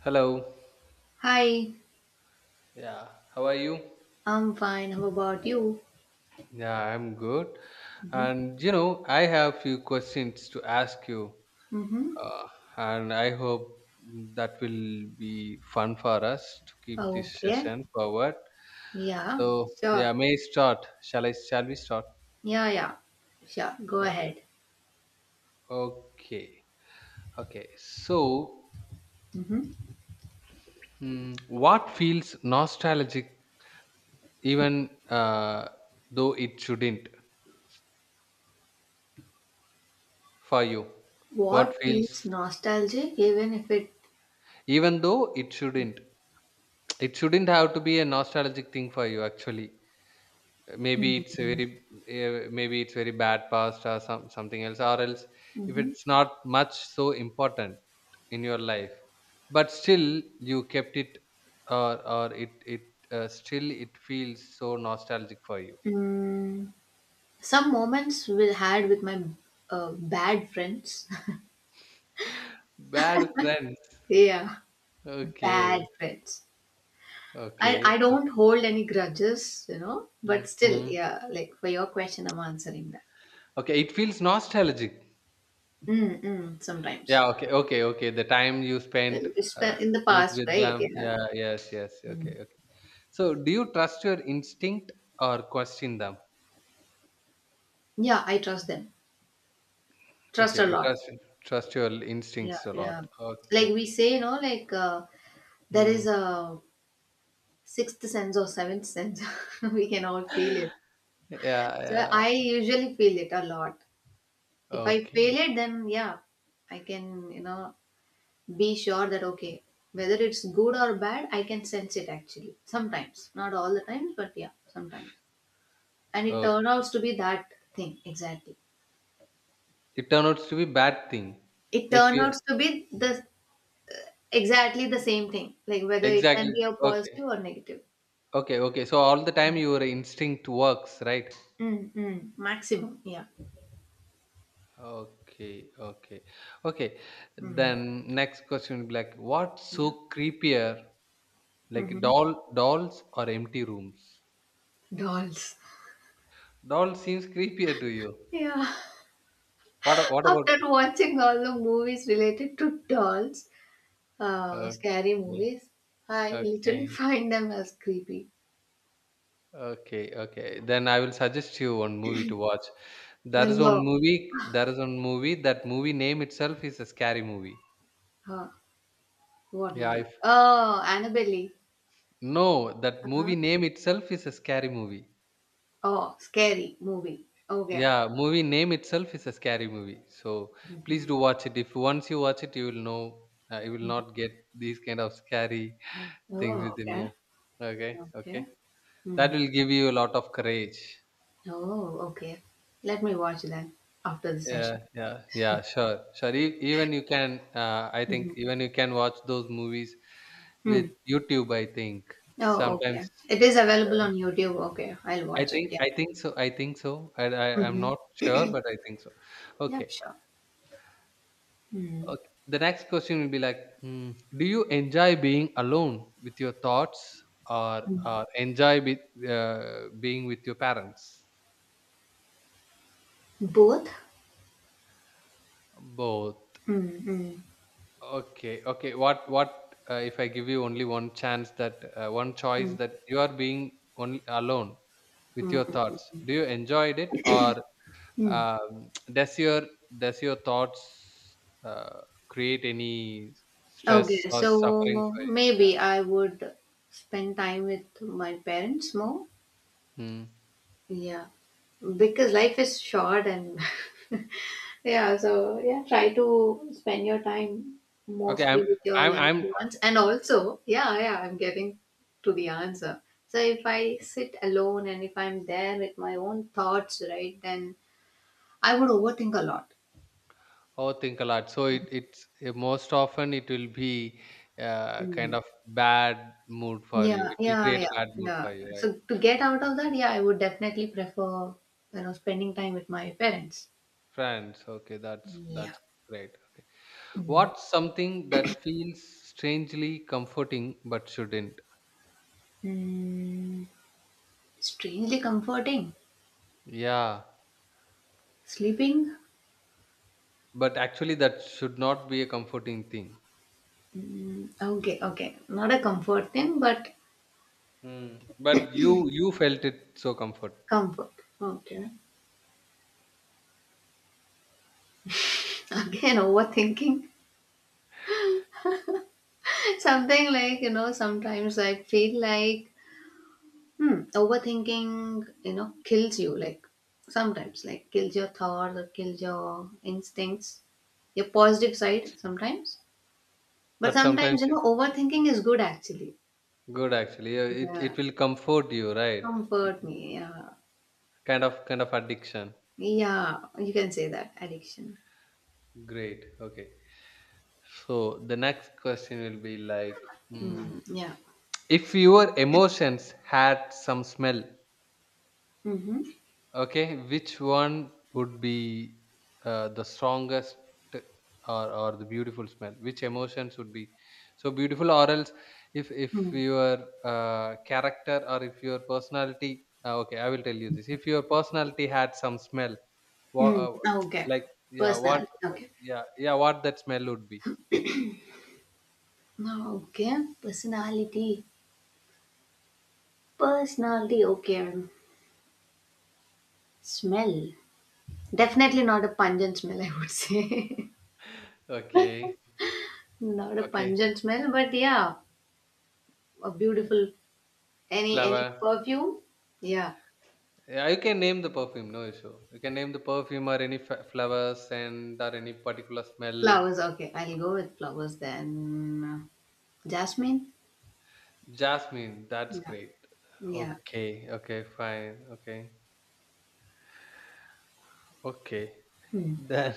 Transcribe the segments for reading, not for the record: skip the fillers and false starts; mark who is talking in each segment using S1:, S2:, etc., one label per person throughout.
S1: Hello.
S2: Hi,
S1: Yeah. How are you?
S2: I'm fine. How about you?
S1: Yeah, I'm good.
S2: Mm-hmm.
S1: And you know, I have few questions to ask you,
S2: Mm-hmm.
S1: uh, and I hope that will be fun for us to keep this
S2: Okay.
S1: session forward.
S2: Yeah,
S1: So
S2: sure.
S1: yeah, may I start? Shall I? Shall we start?
S2: Yeah, yeah. Sure. Go
S1: Uh,
S2: ahead.
S1: Okay. Okay. So,
S2: Mm-hmm.
S1: what feels nostalgic, even though it shouldn't, for you? What
S2: What feels
S1: feels.
S2: nostalgic, even if it.
S1: Even though it shouldn't. It shouldn't have to be a nostalgic thing for you actually. Maybe it's a very maybe it's very bad past or something else or else if
S2: Mm-hmm.
S1: it's not much so important in your life. But still you kept it or it still it feels so nostalgic for you.
S2: Mm, some moments we had with my bad friends.
S1: Bad friends.
S2: Yeah, bad
S1: Okay.
S2: friends. I,
S1: Okay.
S2: I
S1: Okay.
S2: don't hold any grudges, you know, but still,
S1: Mhm.
S2: yeah, like for your question, I'm answering that.
S1: Okay, it feels nostalgic.
S2: Mm-mm, sometimes.
S1: Yeah, okay, okay, okay. The time you spent
S2: It's
S1: uh,
S2: been in the
S1: with
S2: past,
S1: with
S2: right?
S1: them.
S2: Yeah.
S1: Yeah, yes, yes.
S2: Mm.
S1: Okay, okay. So, do you trust your instinct or question them?
S2: Yeah, I trust them. Trust
S1: Okay,
S2: a
S1: you
S2: lot.
S1: trust trust your
S2: Yeah,
S1: instincts a
S2: yeah.
S1: lot.
S2: Like
S1: Okay.
S2: we say, you know, like there
S1: Hmm.
S2: is a sixth sense or seventh sense. We can all feel it.
S1: Yeah,
S2: So
S1: yeah.
S2: I usually feel it a lot. If I feel
S1: Okay.
S2: it, then yeah, I can, you know, be sure that okay, whether it's good or bad, I can sense it actually. Sometimes, not all the times, but yeah, sometimes. And it
S1: Okay.
S2: turns out to be that thing exactly.
S1: It turned out to be bad thing.
S2: It
S1: If
S2: turns
S1: you
S2: out to be the exactly the same thing, like whether it
S1: exactly
S2: can be a
S1: okay,
S2: positive or negative.
S1: okay, okay. So all the time your instinct works, right?
S2: Mm, mm, maximum, yeah.
S1: Okay, okay, okay.
S2: Mm,
S1: Then next question will be like, what's
S2: yeah.
S1: so creepier, like
S2: Hmm.
S1: doll, dolls or empty rooms?
S2: Dolls.
S1: Doll seems creepier to you.
S2: Yeah.
S1: What, a- what
S2: After
S1: about?
S2: watching all the movies related to dolls, scary
S1: Okay,
S2: movies, I literally
S1: okay,
S2: find them as creepy.
S1: okay, okay. Then I will suggest you one movie to watch. There
S2: But
S1: is one
S2: no.
S1: movie. There is one movie. That movie name itself is a scary movie.
S2: Uh, what
S1: Yeah,
S2: movie?
S1: if
S2: Oh, Annabelle.
S1: no, that
S2: Uh-huh.
S1: movie name itself is a scary movie.
S2: Oh, scary movie. Okay.
S1: Yeah, movie name itself is a scary movie. So please
S2: hmm
S1: do watch it. If once you watch it, you will know you will not get these kind of scary things
S2: Oh,
S1: within
S2: okay.
S1: you. Okay,
S2: Okay.
S1: okay. That
S2: Hmm.
S1: will give you a lot of courage.
S2: Oh, okay. Let me watch that after the
S1: Yeah,
S2: session.
S1: yeah, yeah. Sure, sure. E- even you can, I think,
S2: Mhm.
S1: even you can watch those movies with
S2: Hmm.
S1: YouTube. I think
S2: Oh,
S1: sometimes.
S2: okay. It is available
S1: uh,
S2: on YouTube. Okay, I'll watch it.
S1: I
S2: Yeah.
S1: think so. I think so. I'm
S2: hmm
S1: not sure, but I think so.
S2: Yeah,
S1: Okay.
S2: sure. Mm.
S1: Okay. The next question will be like, do you enjoy being alone with your thoughts or,
S2: Hmm.
S1: or enjoy be, being with your parents?
S2: Both?
S1: Both.
S2: Mm. Hmm.
S1: Okay. Okay. What, if I give you only one chance that, one choice
S2: Mm.
S1: that you are being only alone with
S2: Hmm.
S1: your thoughts, do you enjoy it or,
S2: Mm.
S1: does does your thoughts, uh, create any stress
S2: Okay,
S1: or
S2: so
S1: suffering for you? Yeah.
S2: maybe I would spend time with my parents more.
S1: Hmm.
S2: Yeah, because life is short and yeah, so yeah, try to spend your time
S1: Okay, I'm
S2: mostly with your
S1: I'm
S2: loved
S1: I'm
S2: ones. And also, yeah, yeah, I'm getting to the answer. So if I sit alone and if I'm there with my own thoughts, right, then I would overthink a lot.
S1: overthink a lot. So it's most often it will be kind
S2: Mm.
S1: of bad mood for you.
S2: Yeah,
S1: It will
S2: yeah,
S1: create a
S2: yeah,
S1: bad mood
S2: yeah.
S1: for you, right?
S2: So to get out of that, yeah, I would definitely prefer, you know, spending time with my parents.
S1: Friends. Okay, that's
S2: Yeah.
S1: that's great. Okay,
S2: Mm.
S1: what's something that feels strangely comforting but shouldn't?
S2: Mm. Strangely comforting.
S1: Yeah,
S2: Sleeping?
S1: but actually that should not be a comforting thing.
S2: Okay, okay. Not a comfort thing, but
S1: Hmm. But you felt it so comfort.
S2: comfort. Okay. Again, overthinking. Something like, you know, sometimes I feel like, overthinking, you know, kills you. Like, sometimes, like, kills your thoughts or kills your instincts, your positive side sometimes. But
S1: But
S2: sometimes,
S1: sometimes
S2: you
S1: it's
S2: know, overthinking is good actually.
S1: good actually. Yeah, it
S2: Yeah.
S1: will comfort you, right?
S2: Comfort me. Yeah.
S1: Kind of addiction.
S2: Yeah. You can say that. Addiction.
S1: Great. Okay. So the next question will be like, hmm,
S2: Hmm. Yeah.
S1: if your emotions had some smell,
S2: Mm-hmm.
S1: okay, which one would be the strongest or the beautiful smell? Which emotions would be so beautiful, or else if
S2: Hmm.
S1: your character or if your personality, okay, I will tell you this. If your personality had some smell, wha-
S2: Mm,
S1: uh,
S2: okay.
S1: like yeah, what
S2: Personality. Okay.
S1: yeah yeah what that smell would be?
S2: No, okay. Personality. Personality. Okay. Smell. Definitely not a pungent smell, I would say.
S1: Okay,
S2: Not a
S1: okay,
S2: pungent smell, but yeah, a beautiful any
S1: flower.
S2: perfume. Yeah.
S1: Yeah, you can name the perfume, no issue. You can name the perfume or any f- flower scent or any particular smell.
S2: Flowers. Okay, I'll go with flowers then. Jasmine.
S1: Jasmine, that's
S2: Yeah.
S1: great.
S2: Yeah.
S1: Okay, okay, fine. Okay, okay.
S2: Hmm.
S1: Then,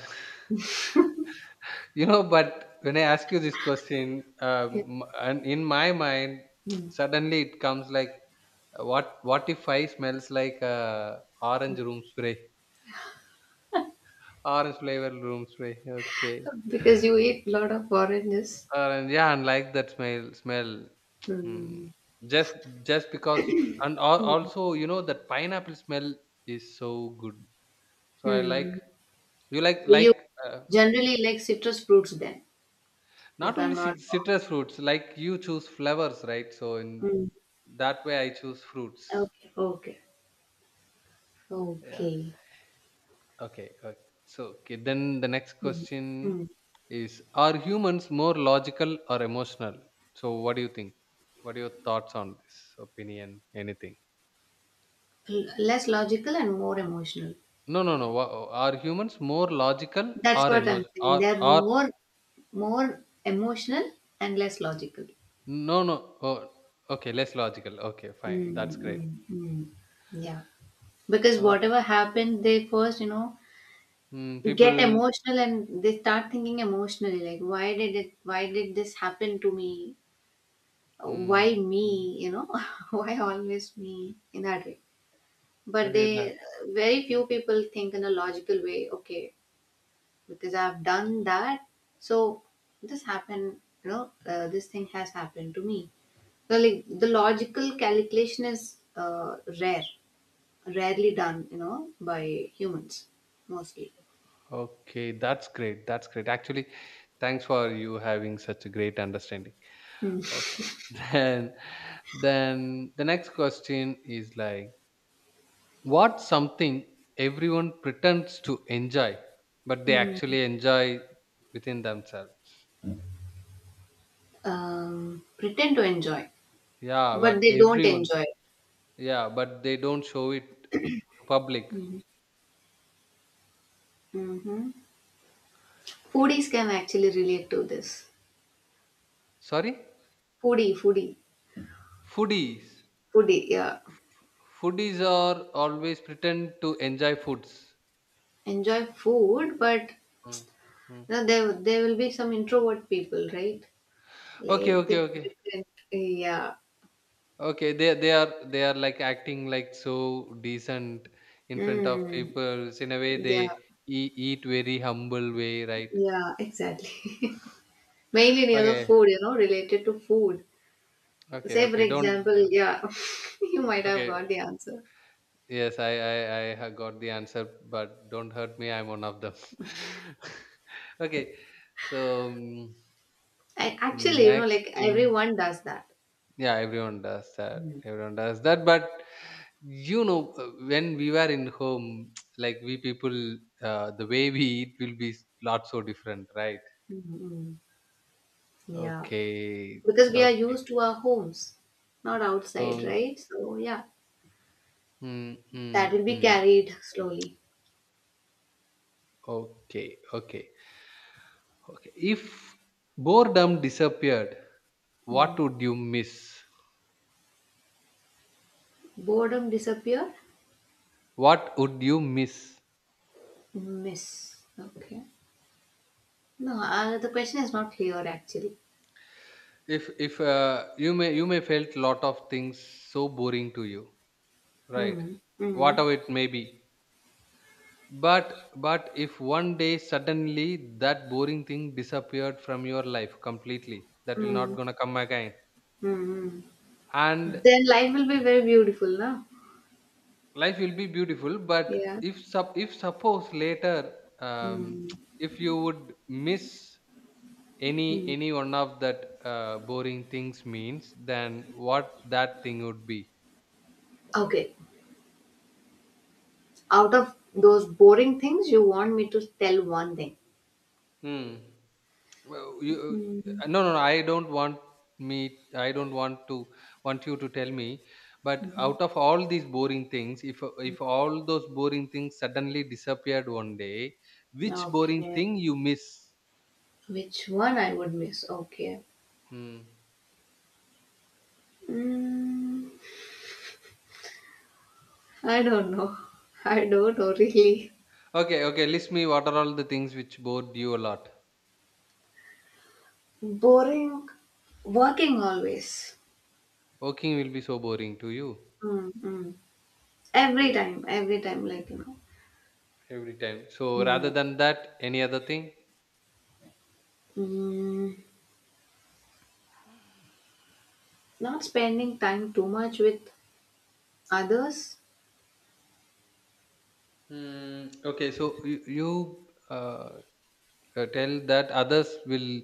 S1: you know, but when I ask you this question,
S2: Yeah.
S1: and in my mind,
S2: Hmm.
S1: suddenly it comes like, what if I smells like orange room spray, orange flavor room spray? Okay,
S2: Because you eat a lot of oranges.
S1: And yeah, and like that smell. Mm.
S2: Hmm.
S1: Just, just because, and al-
S2: Hmm.
S1: also, you know, that pineapple smell is so good. So I like
S2: Hmm.
S1: you
S2: So you
S1: like
S2: generally like citrus fruits then,
S1: not
S2: if
S1: only
S2: I'm not
S1: cit-
S2: wrong.
S1: citrus fruits. Like you choose flowers, right? So
S2: Mm.
S1: in that way, I choose fruits.
S2: Okay, okay,
S1: Yeah.
S2: okay.
S1: Okay. Okay. So okay. Then the next
S2: Mm.
S1: question
S2: Mm.
S1: is: are humans more logical or emotional? So what do you think? What are your thoughts on this opinion? Anything?
S2: Less logical and more emotional.
S1: No, no, no. Wha- are humans more logical
S2: That's
S1: or
S2: what
S1: emo
S2: I'm saying.
S1: Or,
S2: They're
S1: or
S2: more emotional and less logical.
S1: no, no. Oh, okay, less logical. Okay, fine.
S2: Mm,
S1: That's great.
S2: mm, mm. Yeah, because
S1: Uh,
S2: whatever happened, they first, you know, get
S1: people.
S2: emotional and they start thinking emotionally, like why did this happen to me? why
S1: Mm,
S2: me
S1: mm.
S2: you know Why always me, in that way. But
S1: Okay, that.
S2: they, very few people think in a logical way. Okay, because I've done that. So this happened, this thing has happened to me. So like the logical calculation is rarely done, by humans mostly.
S1: Okay, that's great. That's great. Actually, thanks for you having such a great understanding. Okay. Then, then the next question is like, what's something everyone pretends to enjoy, but they
S2: Hmm.
S1: actually enjoy within themselves?
S2: Pretend to enjoy,
S1: Yeah,
S2: but
S1: but
S2: they don't
S1: everyone.
S2: enjoy.
S1: Yeah, but they don't show it to public.
S2: Hmm. hmm Foodies can actually relate to this.
S1: Sorry?
S2: Foodie, foodie,
S1: Foodies.
S2: foodie. Yeah,
S1: Foodies are always pretend to enjoy foods.
S2: enjoy food, but
S1: Mm, mm.
S2: you know, there will be some introvert people, right?
S1: Okay,
S2: Like
S1: okay,
S2: they
S1: okay.
S2: pretend. Yeah.
S1: Okay, they are like acting like so decent in front of
S2: Mm.
S1: people. So, in a way they
S2: Yeah.
S1: e- eat very humble way, right?
S2: Yeah. Exactly. Mainly near the
S1: Okay.
S2: food, you know, related to food.
S1: Okay,
S2: Say for
S1: okay.
S2: example,
S1: Don't
S2: yeah, you might have
S1: okay.
S2: got the answer.
S1: Yes, I ha- got the answer, but don't hurt me. I'm one of them. Okay. So,
S2: I actually, you know,
S1: next
S2: like
S1: thing,
S2: everyone does that.
S1: yeah, everyone does that. Everyone does that. But you know, when we were in home, like we people, the way we eat will be s- lot so different, right?
S2: hmm Yeah,
S1: Okay,
S2: because we are
S1: okay.
S2: used to our homes, not outside,
S1: So,
S2: right? So yeah,
S1: hmm, hmm,
S2: that will be
S1: hmm.
S2: carried slowly.
S1: Okay, okay, okay. If boredom disappeared, what
S2: Hmm.
S1: would you miss?
S2: Boredom disappear?
S1: What would you miss?
S2: Miss. Okay. No, the question is not clear actually.
S1: If you may you may felt lot of things so boring to you. Right.
S2: Mm, mm,
S1: Whatever it may be. But if one day suddenly that boring thing disappeared from your life completely, that will not
S2: mm,
S1: gonna come again.
S2: mm.
S1: And
S2: Then life will be very beautiful, no?
S1: life will be beautiful. But
S2: Yeah.
S1: if sup if suppose later
S2: Mm,
S1: if you would miss
S2: mm.
S1: any one of that boring things means, then what that thing would be?
S2: Okay. Out of those boring things, you want me to tell one thing.
S1: Hmm. Well, you,
S2: Mm,
S1: no, no, no. I don't want me. I don't want to want you to tell me. But
S2: mhm.
S1: out of all these boring things, if all those boring things suddenly disappeared one day, which boring
S2: Okay.
S1: thing you miss?
S2: Which one I would miss? Okay.
S1: Hmm.
S2: Mm, I don't know. I don't know really.
S1: Okay, okay. List me. What are all the things which bored you a lot?
S2: Boring, working always.
S1: Working will be so boring to you.
S2: Mm, mm.
S1: Okay,
S2: Every time, like.
S1: every time. So rather
S2: Mm,
S1: than that, any other thing?
S2: mm. Not spending time too much with others.
S1: Hmm. Okay, so you tell that others will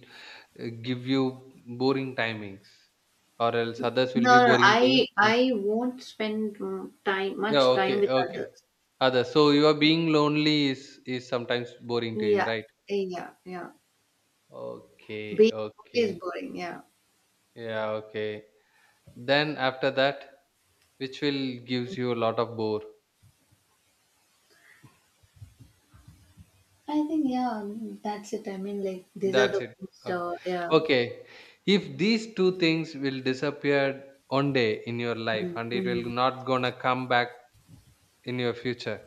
S1: give you boring timings or else others will be
S2: No, no,
S1: boring to you.
S2: I
S1: Uh,
S2: I won't spend mm, time
S1: yeah
S2: much
S1: okay
S2: time with
S1: okay
S2: others.
S1: others so you are being lonely is sometimes boring to you
S2: Yeah,
S1: right
S2: yeah, yeah.
S1: okay
S2: Being always
S1: okay
S2: boring. Yeah,
S1: yeah okay then after that which will gives you a lot of bore
S2: I think yeah, that's it. I mean, like these are
S1: that's
S2: the
S1: it
S2: most.
S1: okay.
S2: Yeah.
S1: Okay if these two things will disappear one day in your life
S2: Mm,
S1: and it will
S2: mm,
S1: not gonna come back in your future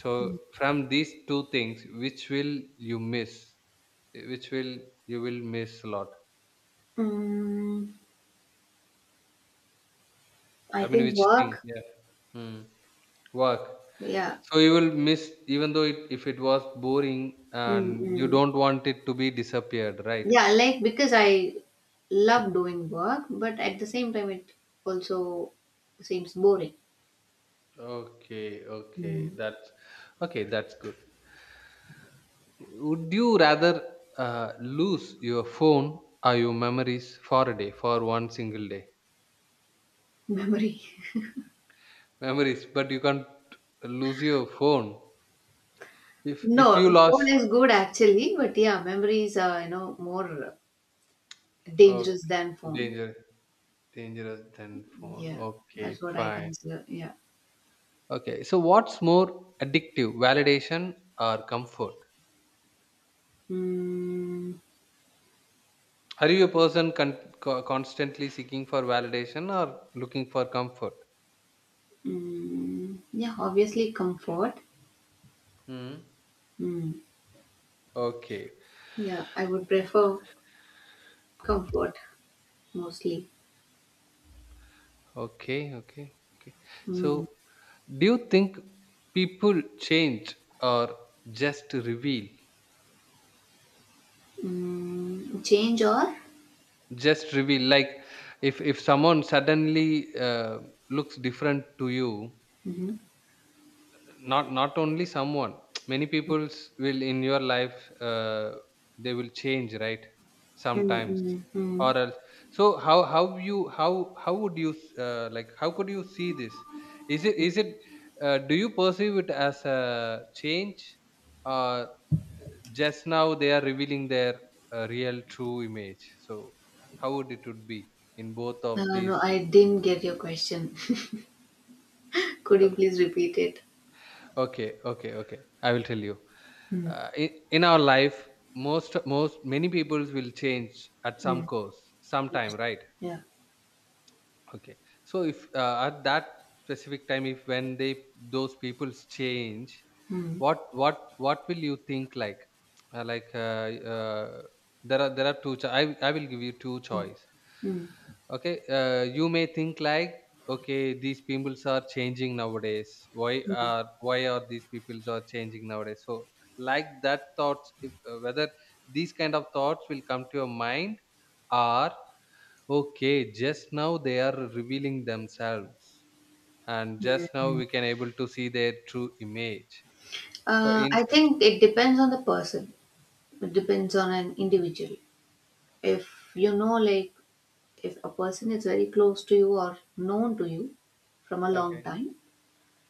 S1: so
S2: mm.
S1: from these two things which will you miss which will you will miss a lot
S2: Mm, I
S1: I mean
S2: think
S1: which thing
S2: work.
S1: yeah. Hmm. Work
S2: Yeah.
S1: so you will miss even though it, if it was boring
S2: Mm,
S1: and you
S2: hmm.
S1: don't want it to be disappeared right
S2: Yeah, like because I love doing work, but at the same time, it also seems boring.
S1: okay okay
S2: Mm.
S1: that's okay that's good would you rather uh, lose your phone or your memories for a day for one single day
S2: Memory.
S1: memories but you can't lose your phone if you
S2: No, phone
S1: lost
S2: is good actually, but yeah, memories are, you know, more dangerous
S1: okay,
S2: than phone.
S1: danger dangerous than phone
S2: Yeah,
S1: okay
S2: that's what I
S1: fine
S2: consider. Yeah.
S1: okay so what's more addictive validation or comfort
S2: Mm,
S1: are you a person constantly seeking for validation or looking for comfort.
S2: mm, yeah, obviously, comfort.
S1: Hmm.
S2: Mm,
S1: Okay.
S2: yeah, I would prefer comfort mostly.
S1: Okay. Okay. Okay.
S2: Mm,
S1: So, do you think people change or just reveal?
S2: mm, change or?
S1: Just reveal like if someone suddenly looks different to you
S2: Mm-hmm.
S1: not not only someone many peoples will in your life they will change right sometimes or
S2: Mm-hmm.
S1: else so how would you like how could you see this is it do you perceive it as a change or just now they are revealing their real true image so how would it would be in both of
S2: Uh,
S1: these
S2: no, I didn't get your question. Could you please repeat it?
S1: okay okay okay I will tell you
S2: Mm,
S1: in our life most many peoples will change at some
S2: mm,
S1: course sometime
S2: yes.
S1: right.
S2: Yeah.
S1: Okay. So if at that specific time, if when they those peoples change,
S2: Mm,
S1: what will you think like? Uh, like uh, uh, there are two. Cho- I will give you two choice.
S2: mm,
S1: Okay. You may think like okay these peoples are changing nowadays.
S2: mm.
S1: Why are these peoples are changing nowadays? So like that thoughts if whether these kind of thoughts will come to your mind or okay, just now they are revealing themselves, and just now we can able to see their true image. So
S2: I
S1: incest,
S2: think it depends on the person. It depends on an individual. If you know, like, if a person is very close to you or known to you from a long
S1: okay,
S2: time,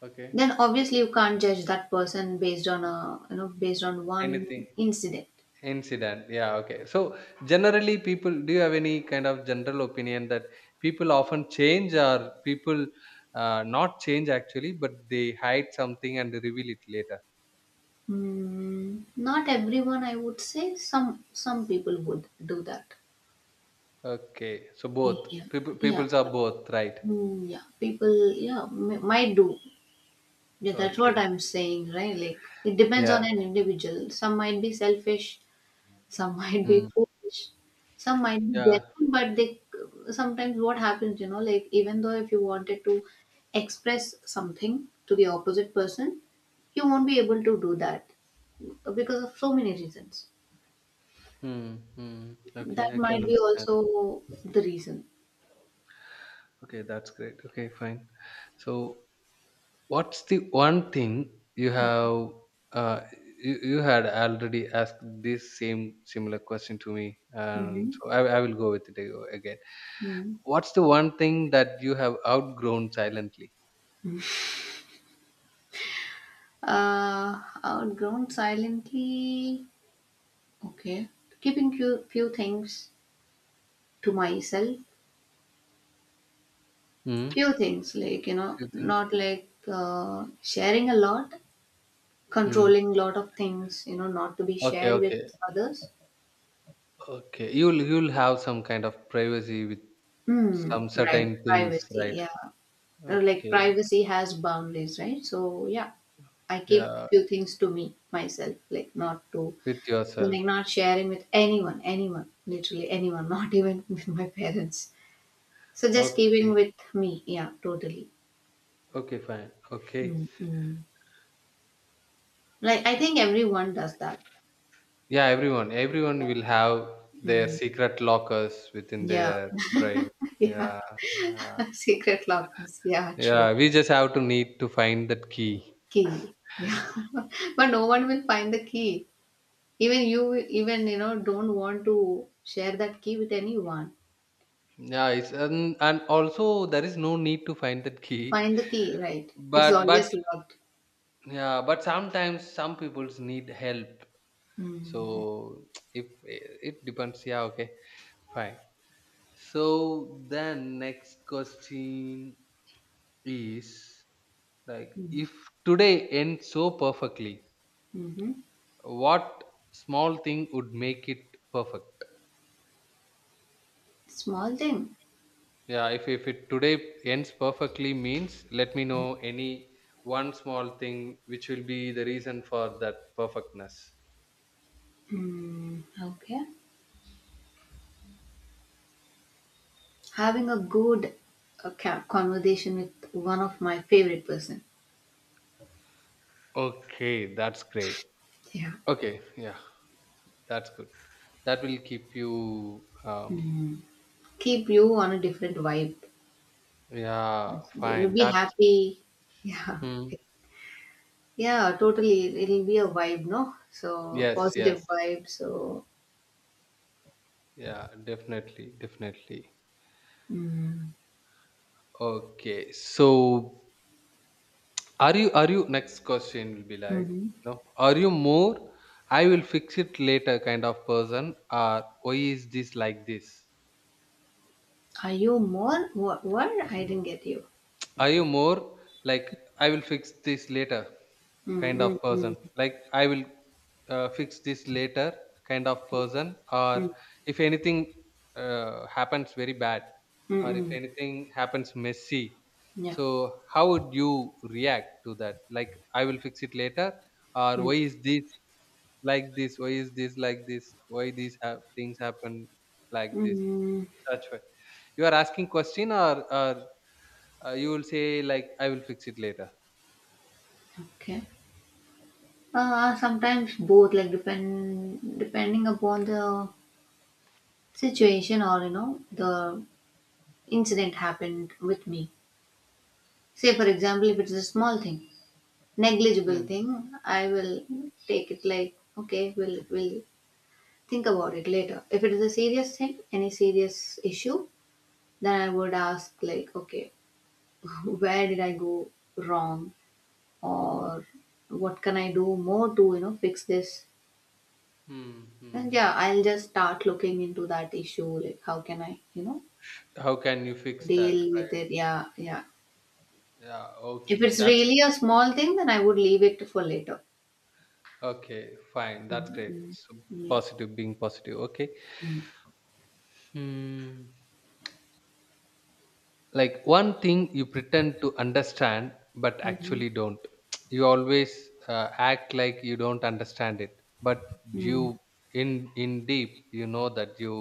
S1: okay.
S2: then obviously you can't judge that person based on a you know based on one
S1: Anything
S2: incident.
S1: incident, yeah, okay. So generally, people, do you have any kind of general opinion that people often change or people not change actually, but they hide something and reveal it later?
S2: Not everyone, I would say. Some people would do that.
S1: Okay, so
S2: Yeah,
S1: both people,
S2: yeah,
S1: peoples are both, right?
S2: yeah. People, yeah, might do. Yeah, that's what
S1: Okay,
S2: I'm saying, right? Like it depends on
S1: yeah,
S2: an individual. Some might be selfish, some might be
S1: mm.
S2: foolish, some might be
S1: Yeah.
S2: genuine. But they, sometimes what happens, you know, like even though if you wanted to express something to the opposite person, you won't be able to do that because of so many reasons.
S1: Hmm. Mm. Okay,
S2: That
S1: I can
S2: might be
S1: understand.
S2: also the reason.
S1: Okay, that's great. Okay, fine. So, what's the one thing you have uh you had already asked this same similar question to me, and
S2: Mm-hmm.
S1: so I will go with it again. What's the one thing that you have outgrown silently?
S2: Outgrown silently. Okay, keeping few things to myself.
S1: Hmm.
S2: Few things like you know,
S1: You think?
S2: not like sharing a lot,
S1: Mm.
S2: controlling lot of things. You know, not to be
S1: Okay,
S2: shared with
S1: okay,
S2: others.
S1: okay. You'll have some kind of privacy with
S2: Hmm.
S1: some
S2: Right.
S1: certain things,
S2: Privacy.
S1: right?
S2: Yeah. Like
S1: Okay,
S2: privacy has boundaries, right? So yeah, I keep
S1: yeah,
S2: few things to me myself,
S1: with yourself.
S2: like not sharing with anyone, anyone, literally anyone, not even with my parents. So just keeping
S1: Okay.
S2: with me. Yeah, totally.
S1: Okay, fine. Okay.
S2: Mm, mm. Like I think everyone does that.
S1: Yeah, everyone, everyone will have their
S2: Mm.
S1: secret lockers within
S2: Yeah,
S1: their brain.
S2: yeah.
S1: Yeah. Yeah,
S2: Secret lockers. Yeah, true.
S1: yeah, we just have to need to find that key.
S2: Key. Yeah, but no one will find the key. Even you, don't want to share that key with anyone.
S1: Yeah, it's and also there is no need to find that key.
S2: Find the key, right? It's
S1: But
S2: always locked.
S1: yeah, but sometimes some people's need help.
S2: Mm.
S1: So if it depends, yeah, okay, fine. So then next question is like
S2: Mm.
S1: if today ends so perfectly,
S2: Mm-hmm.
S1: what small thing would make it perfect?
S2: Small thing.
S1: Yeah, if it today ends perfectly means let me know any one small thing which will be the reason for that perfectness.
S2: Okay. Having a good conversation with one of my favorite person.
S1: Okay, that's great.
S2: Yeah.
S1: Okay, yeah, that's good. That will keep you
S2: Mm. Keep you on a different vibe.
S1: yeah,
S2: You'll
S1: fine,
S2: be
S1: that's
S2: happy. Yeah.
S1: hmm.
S2: Yeah, totally. It'll be a vibe, no? So,
S1: Yes, yes,
S2: positive vibe. So,
S1: yeah, definitely, definitely.
S2: mm.
S1: Okay, so are you next question will be like
S2: hmm
S1: no, are you more, I will fix it later kind of person, or why is this like this?
S2: are you more? What, what? I didn't get you.
S1: Are you more like I will fix this later
S2: Mm,
S1: kind
S2: mm,
S1: of
S2: mm,
S1: person? Like I will fix this later kind of person, or
S2: mm,
S1: if anything happens very bad,
S2: mm,
S1: or if
S2: mm.
S1: anything happens messy,
S2: Yeah.
S1: so how would you react to that? Like I will fix it later, or why
S2: Mm.
S1: is this like this? Why is this like this? Why these things happen like this?
S2: Mm.
S1: Such way you are asking question or you will say like, "I will fix it later."
S2: Okay. Sometimes both, like depending upon the situation or you know the incident happened with me. Say, for example, if it's a small thing, negligible
S1: Mm.
S2: thing, I will take it like, okay, we'll think about it later. If it is a serious thing, any serious issue, then I would ask, like, okay, where did I go wrong? Or what can I do more to, you know, fix this?
S1: Mm.
S2: And
S1: Mm.
S2: yeah, I'll just start looking into that issue, like, how can I, you know,
S1: How can you fix that?
S2: deal with
S1: Right?
S2: it? Yeah, yeah.
S1: Yeah.
S2: If
S1: Okay.
S2: it's
S1: That's
S2: really a small thing, then I would leave it for later.
S1: okay. Fine. That's great.
S2: Mm,
S1: So
S2: mm,
S1: positive, being positive. Okay.
S2: yeah.
S1: Mm. Like one thing you pretend to understand but
S2: Mhm.
S1: actually don't. You always act like you don't understand it, but
S2: Mm.
S1: you in in deep you know that you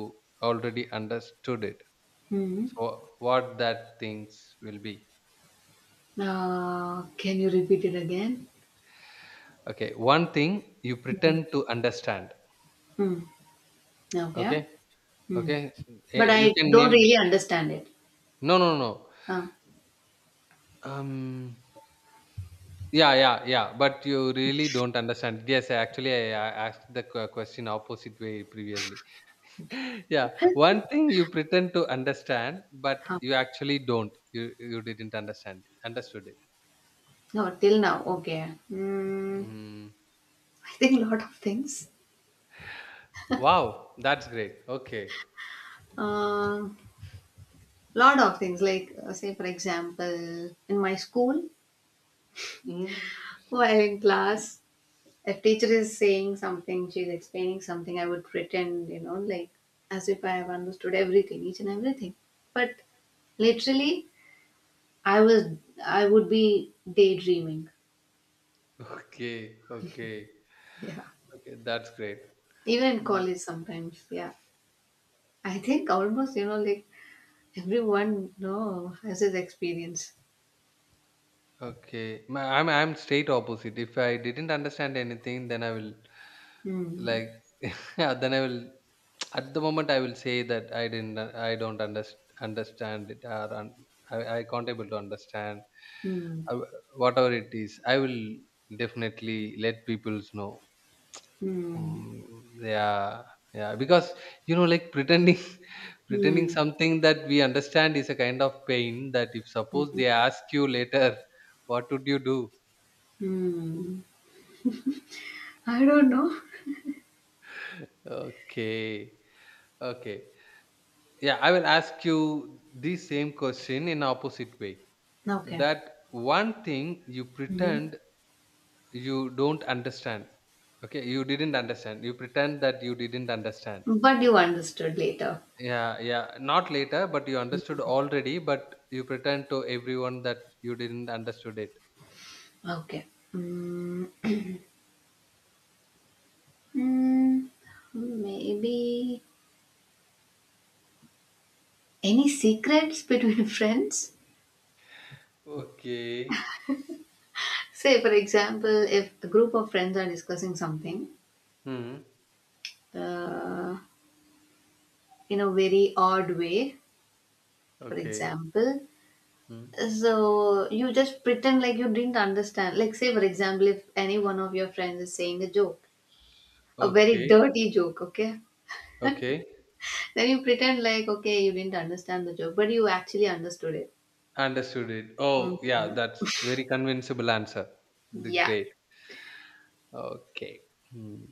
S1: already understood it.
S2: Mm.
S1: So what that things will be.
S2: Can you repeat it again?
S1: Okay, one thing you pretend to understand.
S2: Mm. Okay.
S1: Okay,
S2: Mm.
S1: okay,
S2: But
S1: eh, you
S2: I
S1: can
S2: don't
S1: name.
S2: really understand it.
S1: No, no, no.
S2: Uh,
S1: Um, yeah, yeah, yeah. But you really don't understand. Yes, I actually I asked the question opposite way previously.
S2: okay.
S1: Yeah, one thing you pretend to understand, but
S2: Huh.
S1: you actually don't. You didn't understand it. Understood it.
S2: No, till now. Okay. Mm.
S1: Mm.
S2: I think lot of things.
S1: Wow, that's great. Okay.
S2: Uh, Lot of things. Like, say, for example, in my school,
S1: Mm.
S2: while in class, if teacher is saying something, she's explaining something, I would pretend, you know, like as if I have understood everything, each and everything. But literally I was I would be daydreaming.
S1: Okay, okay,
S2: Yeah.
S1: okay. That's great.
S2: Even in college sometimes, yeah. I think almost, you know, like everyone you know has his experience.
S1: Okay, I'm straight opposite. If I didn't understand anything, then I will
S2: Hmm.
S1: like yeah, then I will at the moment I will say that I didn't I don't understand it or I can't able to understand
S2: Hmm.
S1: uh, whatever it is. I will definitely let people know.
S2: Hmm.
S1: Mm, yeah, yeah. Because you know, like pretending, pretending
S2: Hmm.
S1: something that we understand is a kind of pain. That if suppose they ask you later, what would you do?
S2: Hmm. I don't know.
S1: Okay, okay. Yeah, I will ask you the same question in opposite way.
S2: Okay.
S1: That one thing you
S2: hmm
S1: pretend you don't understand. Okay, you didn't understand. You pretend that you didn't understand.
S2: But you understood later.
S1: Yeah, yeah. Not later, but you understood already, but you pretend to everyone that you didn't understood it.
S2: Okay. Hmm. Hmm. Maybe any secrets between friends?
S1: Okay.
S2: Say, for example, if a group of friends are discussing something
S1: Hmm.
S2: uh, in a very odd way, for
S1: Okay.
S2: example.
S1: Hmm.
S2: So you just pretend like you didn't understand. Like, say for example, if any one of your friends is saying a joke, a very
S1: Okay.
S2: dirty joke, okay,
S1: Okay.
S2: then you pretend like okay, you didn't understand the joke, but you actually understood it.
S1: Understood it. Oh, yeah.
S2: Hmm.
S1: That's very convincible answer. The
S2: Yeah.
S1: great. Okay. Hmm.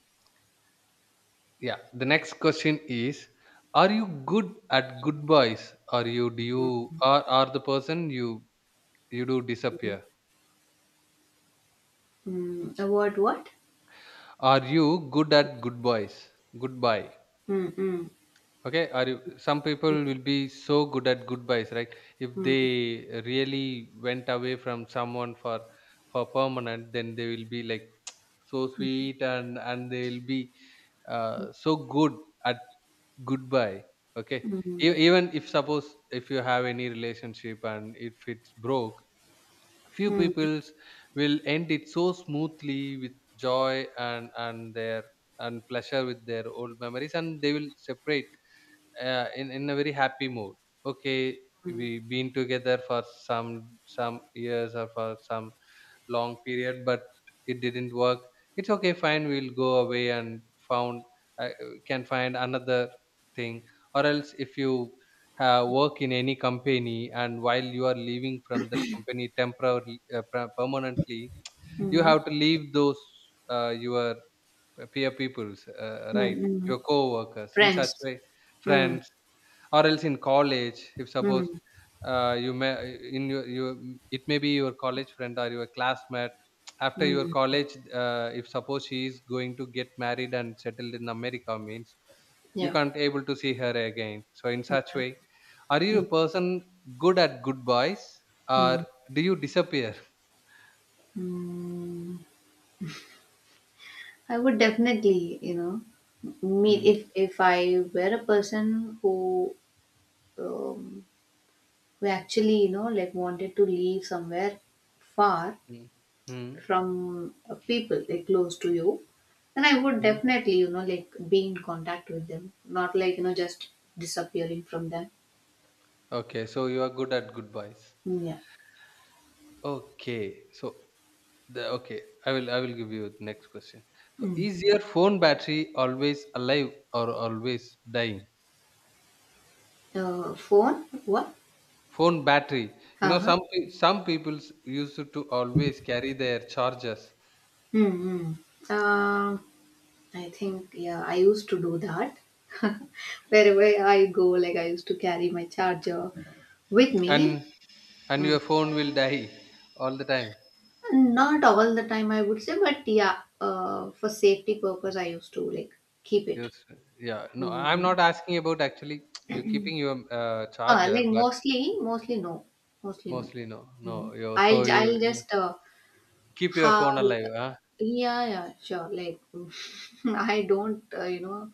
S1: Yeah. The next question is: are you good at goodbyes? Are you do you are the person you you do disappear?
S2: What, what?
S1: Are you good at goodbyes? Goodbye.
S2: Mm-mm.
S1: Okay, are you, some people will be so good at goodbyes, right? If
S2: Mm-mm.
S1: they really went away from someone for permanent, then they will be like so sweet and they'll be so good at goodbye. Okay,
S2: Mm-mm.
S1: even if suppose if you have any relationship and if it's broke, few peoples will end it so smoothly with joy and their and pleasure with their old memories, and they will separate in a very happy mood. Okay, we
S2: Mm-mm.
S1: been together for some years or for some long period, but it didn't work. It's okay, fine, we'll go away and found uh, can find another thing, or else if you work in any company, and while you are leaving from that company temporarily permanently, you
S2: Mm-mm.
S1: have to leave those your peer peoples right,
S2: Mm-mm.
S1: your co-workers in such
S2: Friends.
S1: way,
S2: Mm-mm.
S1: friends, or else in college if suppose you may in your you it may be your college friend or your classmate after your
S2: Mm-mm.
S1: college, if suppose she is going to get married and settled in America means you
S2: Yeah.
S1: can't able to see her again. So in such
S2: Yeah.
S1: way, are you
S2: Mm-hmm.
S1: a person good at goodbyes, or
S2: Hmm.
S1: do you disappear?
S2: Mm. I would definitely, you know, meet
S1: Mm,
S2: if I were a person who um, who actually, you know, like wanted to leave somewhere far
S1: mm, mm,
S2: from people like close to you, then I would
S1: mm.
S2: definitely, you know, like be in contact with them, not like just disappearing from them.
S1: Okay, so you are good at goodbyes.
S2: Mm, yeah.
S1: Okay, so the, okay, I will give you the next question. So,
S2: Mm.
S1: is your phone battery always alive or always dying?
S2: Phone? What?
S1: Phone battery. You
S2: Uh
S1: know,
S2: huh.
S1: some people used to always carry their chargers,
S2: Mm-hmm. I think, yeah, I used to do that. Wherever I go, like I used to carry my charger with
S1: and
S2: me.
S1: and
S2: Mm.
S1: your phone will die all the time.
S2: Not all the time, I would say, but yeah, for safety purpose, I used to like keep it.
S1: Yes, yeah. No, I'm
S2: Mm.
S1: not asking about actually you keeping your
S2: Uh,
S1: charger,
S2: like
S1: but
S2: mostly, mostly no, mostly no.
S1: mostly no,
S2: Mm.
S1: no. You
S2: I'll
S1: so you,
S2: I'll
S1: you
S2: just
S1: keep your
S2: have
S1: phone
S2: like,
S1: alive, huh?
S2: yeah, yeah, sure, like I don't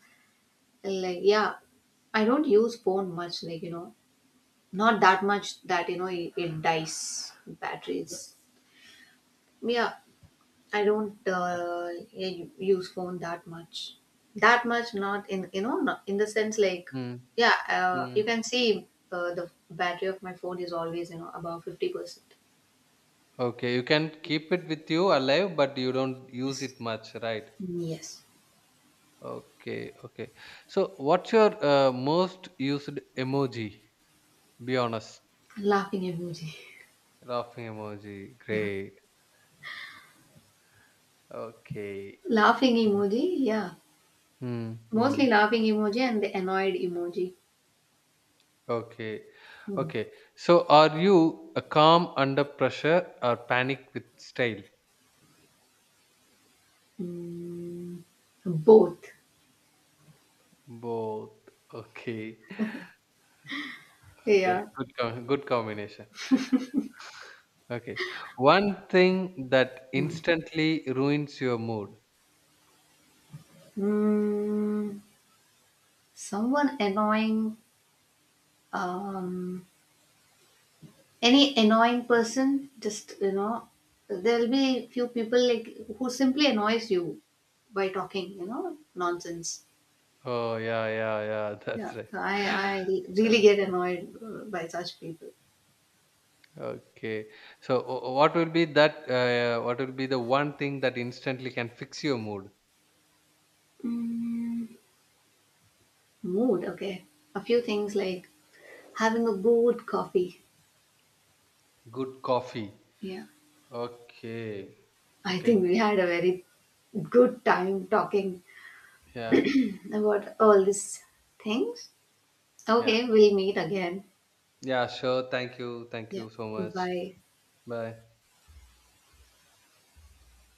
S2: like yeah, I don't use phone much, like not that much that it dies batteries, yeah. I don't yeah, use phone that much, that much, not in the sense, like yeah, you
S1: Mm.
S2: can see the battery of my phone is always about 50%.
S1: Okay, you can keep it with you alive, but you don't use it much, right?
S2: Yes.
S1: Okay, okay. So, what's your most used emoji? Be honest.
S2: Laughing emoji.
S1: Laughing emoji.
S2: Yeah.
S1: Great. Okay.
S2: Laughing
S1: Yeah.
S2: emoji. Yeah.
S1: Hmm.
S2: Mostly
S1: Hmm.
S2: laughing emoji and the annoyed emoji.
S1: Okay.
S2: Hmm.
S1: Okay. So, are you a calm under pressure or panic with style?
S2: Mm, both,
S1: Both. Okay. Okay.
S2: yeah.
S1: Good. Good combination. Okay. One thing that instantly ruins your mood.
S2: Mm. Someone annoying, um, any annoying person, just you know, there'll be few people like who simply annoys you by talking, you know, nonsense.
S1: Oh, yeah, yeah, yeah. That's
S2: Yeah,
S1: right.
S2: I really
S1: Uh,
S2: get annoyed by such people.
S1: okay. So, what will be that? What will be the one thing that instantly can fix your mood?
S2: Mm, mood, okay. A few things like having a good coffee.
S1: Good coffee.
S2: Yeah,
S1: Okay.
S2: I
S1: Okay.
S2: think we had a very good time talking
S1: Yeah.
S2: about all these things.
S1: Yeah.
S2: Okay, we'll meet again.
S1: Yeah. Sure. Thank you. Thank
S2: Yeah,
S1: you so much.
S2: bye.
S1: Bye.